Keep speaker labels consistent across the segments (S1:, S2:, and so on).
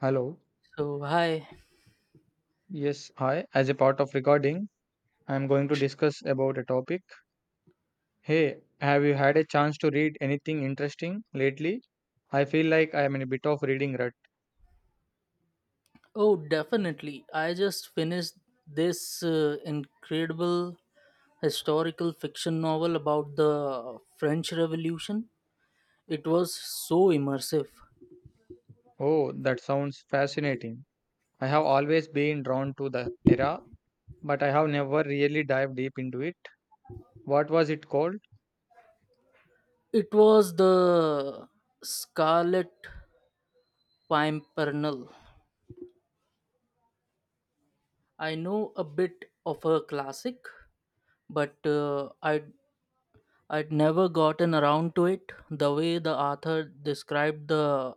S1: Hello.
S2: So, hi.
S1: Yes, hi. As a part of recording, I am going to discuss about a topic. Hey, have you had a chance to read anything interesting lately? I feel like I am in a bit of reading rut.
S2: Oh, definitely. I just finished this incredible historical fiction novel about the French Revolution. It was so immersive.
S1: Oh, that sounds fascinating. I have always been drawn to the era, but I have never really dived deep into it. What was it called?
S2: It was the Scarlet Pimpernel. I know a bit of a classic, but I'd never gotten around to it. The way the author described the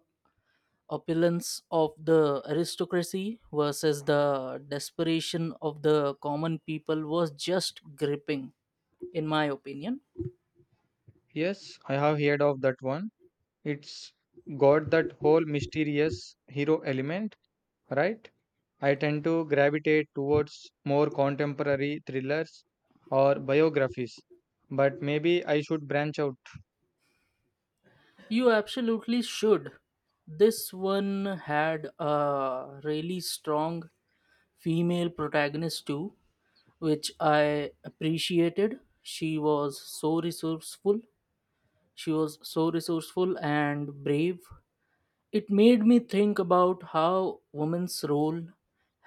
S2: opulence of the aristocracy versus the desperation of the common people was just gripping, in my opinion.
S1: Yes, I have heard of that one. It's got that whole mysterious hero element, right? I tend to gravitate towards more contemporary thrillers or biographies, but maybe I should branch out.
S2: You absolutely should. This one had a really strong female protagonist too, which I appreciated. She was so resourceful and brave. It made me think about how women's role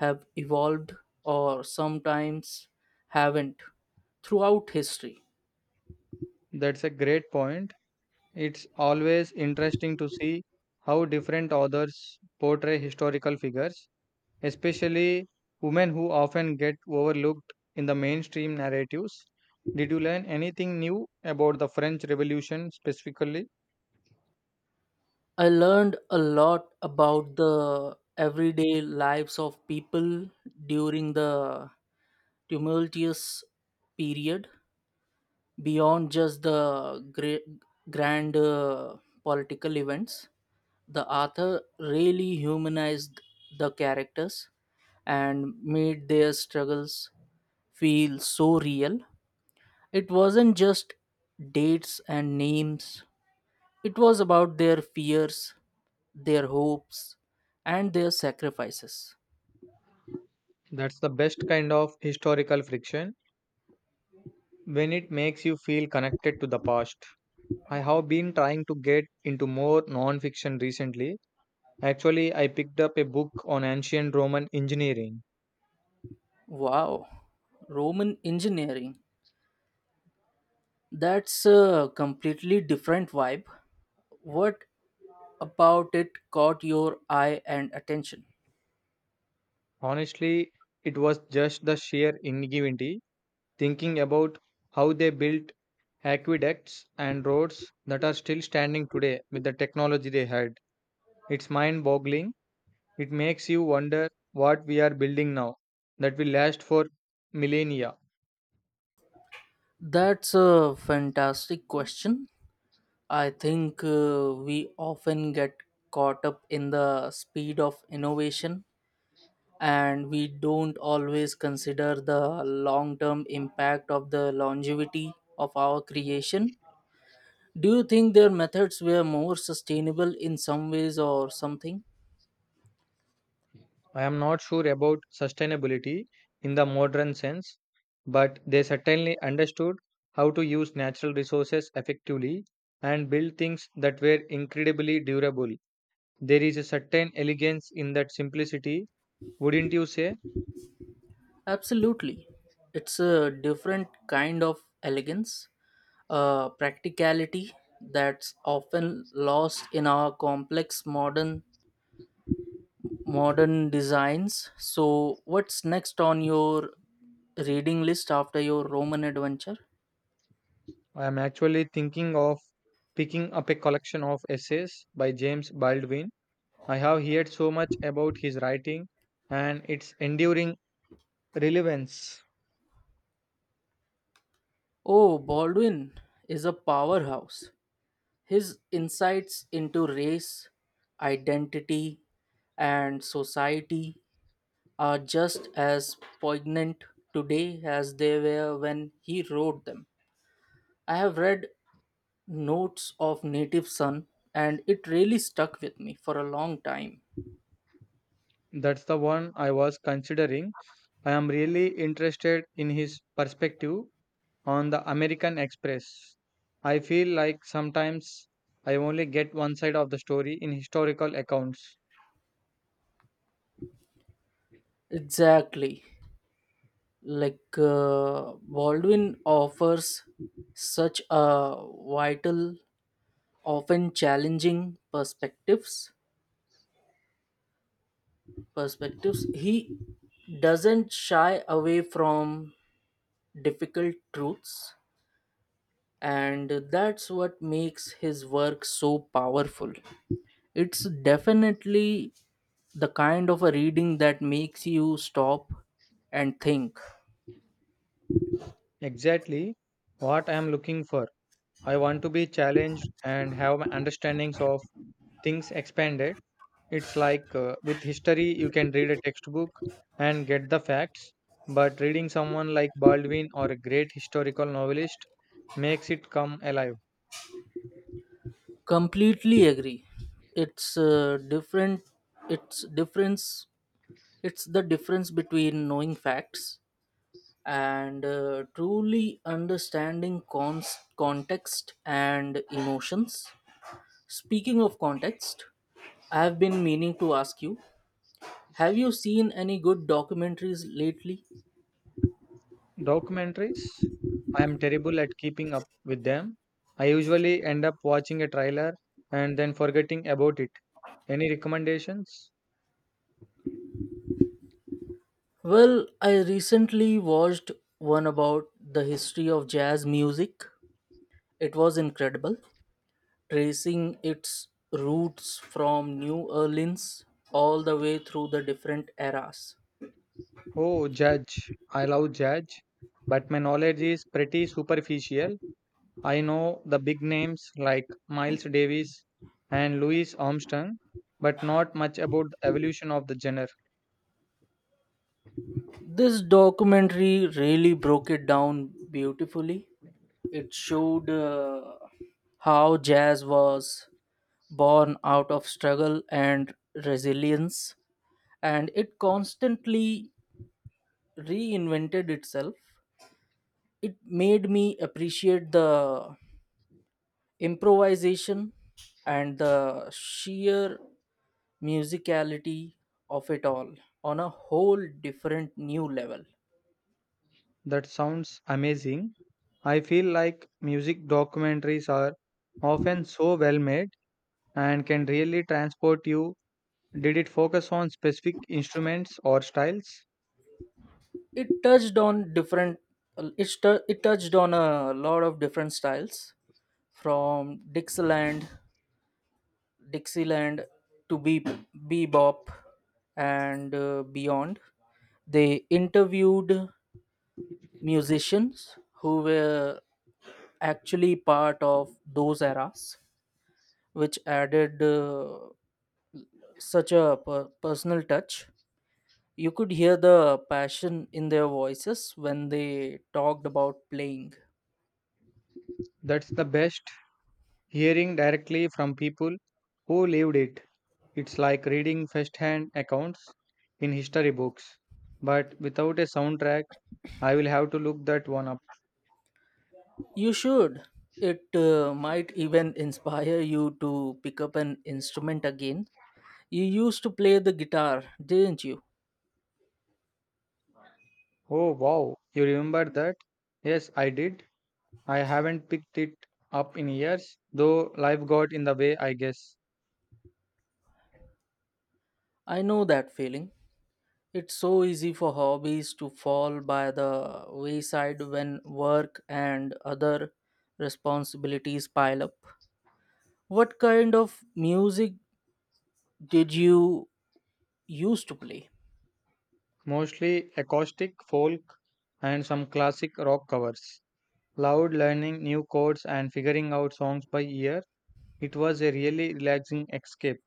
S2: have evolved or sometimes haven't throughout history.
S1: That's a great point. It's always interesting to see how different authors portray historical figures, especially women who often get overlooked in the mainstream narratives. Did you learn anything new about the French Revolution specifically?
S2: I learned a lot about the everyday lives of people during the tumultuous period beyond just the great, grand political events. The author really humanized the characters and made their struggles feel so real. It wasn't just dates and names, it was about their fears, their hopes, and their sacrifices.
S1: That's the best kind of historical friction when it makes you feel connected to the past. I have been trying to get into more non-fiction recently. Actually, I picked up a book on ancient Roman engineering.
S2: Wow, Roman engineering. That's a completely different vibe. What about it caught your eye and attention?
S1: Honestly, it was just the sheer ingenuity, thinking about how they built aqueducts and roads that are still standing today with the technology they had. It's mind-boggling. It makes you wonder what we are building now that will last for millennia.
S2: That's a fantastic question. I think we often get caught up in the speed of innovation and we don't always consider the long term impact of the longevity of our creation. Do you think their methods were more sustainable in some ways or something?
S1: I am not sure about sustainability in the modern sense, but they certainly understood how to use natural resources effectively and build things that were incredibly durable. There is a certain elegance in that simplicity, wouldn't you say?
S2: Absolutely. It's a different kind of elegance, a practicality that's often lost in our complex modern designs. So, what's next on your reading list after your Roman adventure?
S1: I am actually thinking of picking up a collection of essays by James Baldwin. I have heard so much about his writing and its enduring relevance.
S2: Oh, Baldwin is a powerhouse. His insights into race, identity, and society are just as poignant today as they were when he wrote them. I have read Notes of Native Son and it really stuck with me for a long time.
S1: That's the one I was considering. I am really interested in his perspective on the American Express. I feel like sometimes I only get one side of the story in historical accounts.
S2: Exactly. Baldwin offers such a vital often challenging perspectives he doesn't shy away from difficult truths, and that's what makes his work so powerful. It's definitely the kind of a reading that makes you stop and think.
S1: Exactly what I am looking for. I want to be challenged and have my understandings of things expanded. It's like with history, you can read a textbook and get the facts, but reading someone like Baldwin or a great historical novelist makes it come alive.
S2: Completely agree. it's uh, different it's difference it's the difference between knowing facts and truly understanding context and emotions. Speaking of context, I have been meaning to ask you, have you seen any good documentaries lately?
S1: Documentaries, I am terrible at keeping up with them. I usually end up watching a trailer and then forgetting about it. Any recommendations?
S2: Well, I recently watched one about the history of jazz music. It was incredible, tracing its roots from New Orleans all the way through the different eras.
S1: Oh, Judge. I love Judge, but my knowledge is pretty superficial. I know the big names like Miles Davis and Louis Armstrong, but not much about the evolution of the genre.
S2: This documentary really broke it down beautifully. It showed how jazz was born out of struggle and resilience, and it constantly reinvented itself. It made me appreciate the improvisation and the sheer musicality of it all on a whole different new level.
S1: That sounds amazing. I feel like music documentaries are often so well made and can really transport you. Did it focus on specific instruments or styles?
S2: It touched on different it touched on a lot of different styles from dixieland to be bebop and beyond. They interviewed musicians who were actually part of those eras, which added such a personal touch. You could hear the passion in their voices when they talked about playing.
S1: That's the best hearing directly from people who lived it. It's like reading first-hand accounts in history books, but without a soundtrack. I will have to look that one up.
S2: You should. It might even inspire you to pick up an instrument again. You used to play the guitar, didn't you?
S1: Oh wow, you remember that? Yes, I did. I haven't picked it up in years, though life got in the way, I guess.
S2: I know that feeling. It's so easy for hobbies to fall by the wayside when work and other responsibilities pile up. What kind of music did you used to play?
S1: Mostly acoustic folk and some classic rock covers. Loud learning new chords and figuring out songs by ear. It was a really relaxing escape.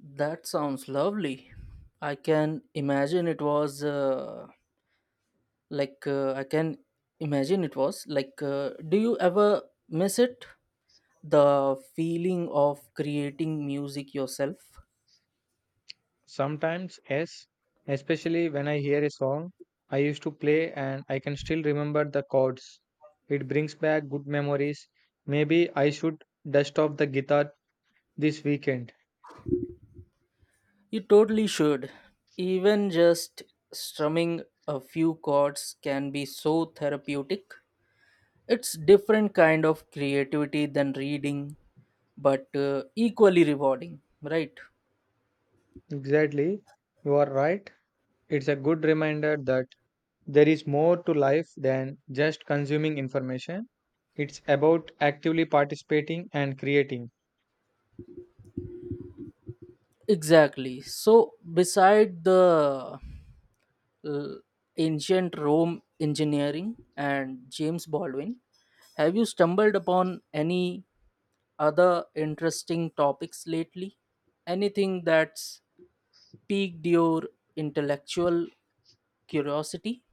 S2: That sounds lovely. I can imagine it was uh, I can imagine it was like. Do you ever miss it? The feeling of creating music yourself.
S1: Sometimes, yes, especially when I hear a song I used to play and I can still remember the chords. It brings back good memories. Maybe I should dust off the guitar this weekend.
S2: You totally should. Even just strumming a few chords can be so therapeutic. It's different kind of creativity than reading, but equally rewarding, right?
S1: Exactly, you are right. It's a good reminder that there is more to life than just consuming information. It's about actively participating and creating.
S2: Exactly. So, beside the uh, ancient Rome engineering and James Baldwin, have you stumbled upon any other interesting topics lately? Anything that's piqued your intellectual curiosity?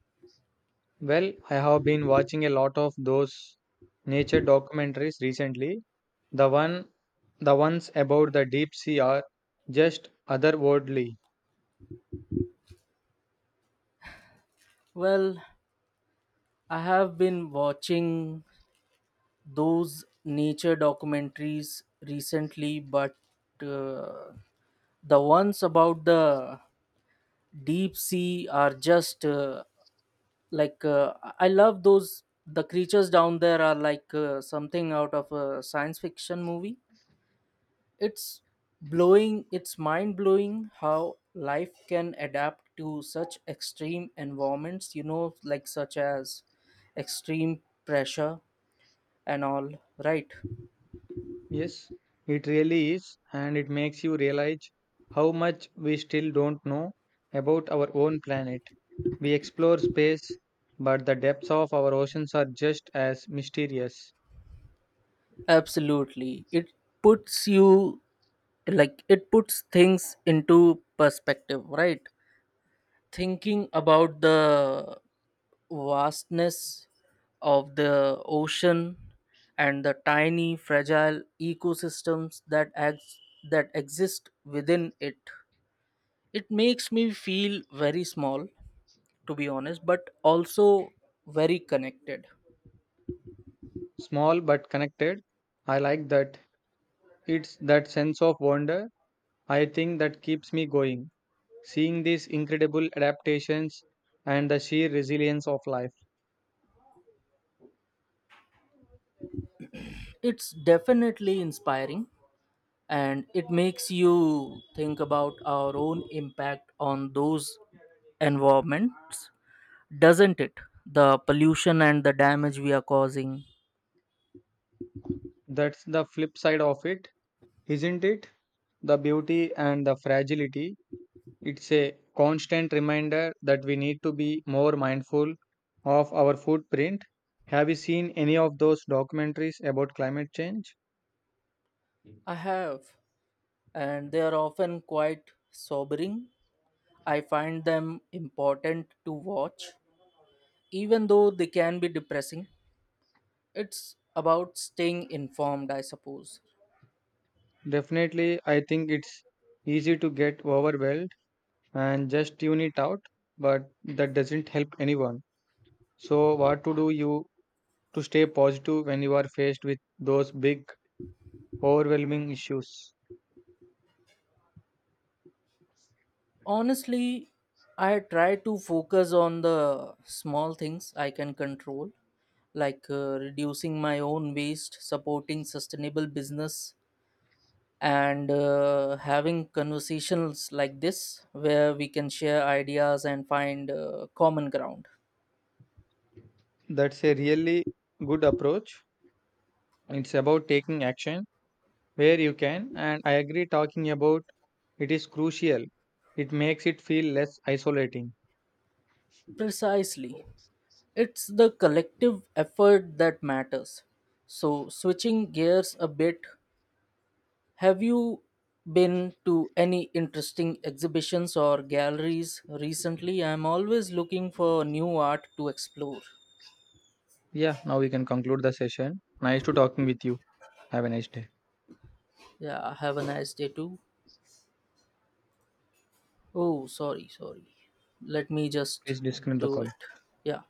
S1: Well, I have been watching a lot of those nature documentaries recently. The one the ones about the deep sea are just otherworldly.
S2: Well, I have been watching those nature documentaries recently, but uh, the ones about the deep sea are just I love those. The creatures down there are something out of a science fiction movie. It's mind blowing how life can adapt to such extreme environments, you know, like such as extreme pressure and all, right?
S1: Yes, it really is and it makes you realize how much we still don't know about our own planet. We explore space, but the depths of our oceans are just as mysterious.
S2: Absolutely. Puts you it puts things into perspective, right? Thinking about the vastness of the ocean and the tiny fragile ecosystems that that exist within it. It makes me feel very small to be honest, but also very connected.
S1: Small but connected. I like that. It's that sense of wonder I think that keeps me going. Seeing these incredible adaptations and the sheer resilience of life.
S2: It's definitely inspiring, and it makes you think about our own impact on those environments, doesn't it? The pollution and the damage we are causing.
S1: That's the flip side of it, isn't it? The beauty and the fragility. It's a constant reminder that we need to be more mindful of our footprint. Have you seen any of those documentaries about climate change?
S2: I have, and they are often quite sobering. I find them important to watch even though they can be depressing. It's about staying informed, I suppose.
S1: Definitely, I think it's easy to get overwhelmed and just tune it out, but that doesn't help anyone. So, what to do you to stay positive when you are faced with those big, overwhelming issues.
S2: Honestly, I try to focus on the small things I can control, like reducing my own waste, supporting sustainable business, and having conversations like this where we can share ideas and find common ground.
S1: That's a really good approach. It's about taking action where you can, and I agree, talking about it is crucial. It makes it feel less isolating.
S2: Precisely. It's the collective effort that matters. So, switching gears a bit, have you been to any interesting exhibitions or galleries recently? I'm always looking for new art to explore.
S1: Yeah, now we can conclude the session. Nice to talking with you. Have a nice day.
S2: Yeah, have a nice day too. Oh, sorry, sorry. Let me just
S1: Please disconnect the
S2: do
S1: call.
S2: it. Yeah.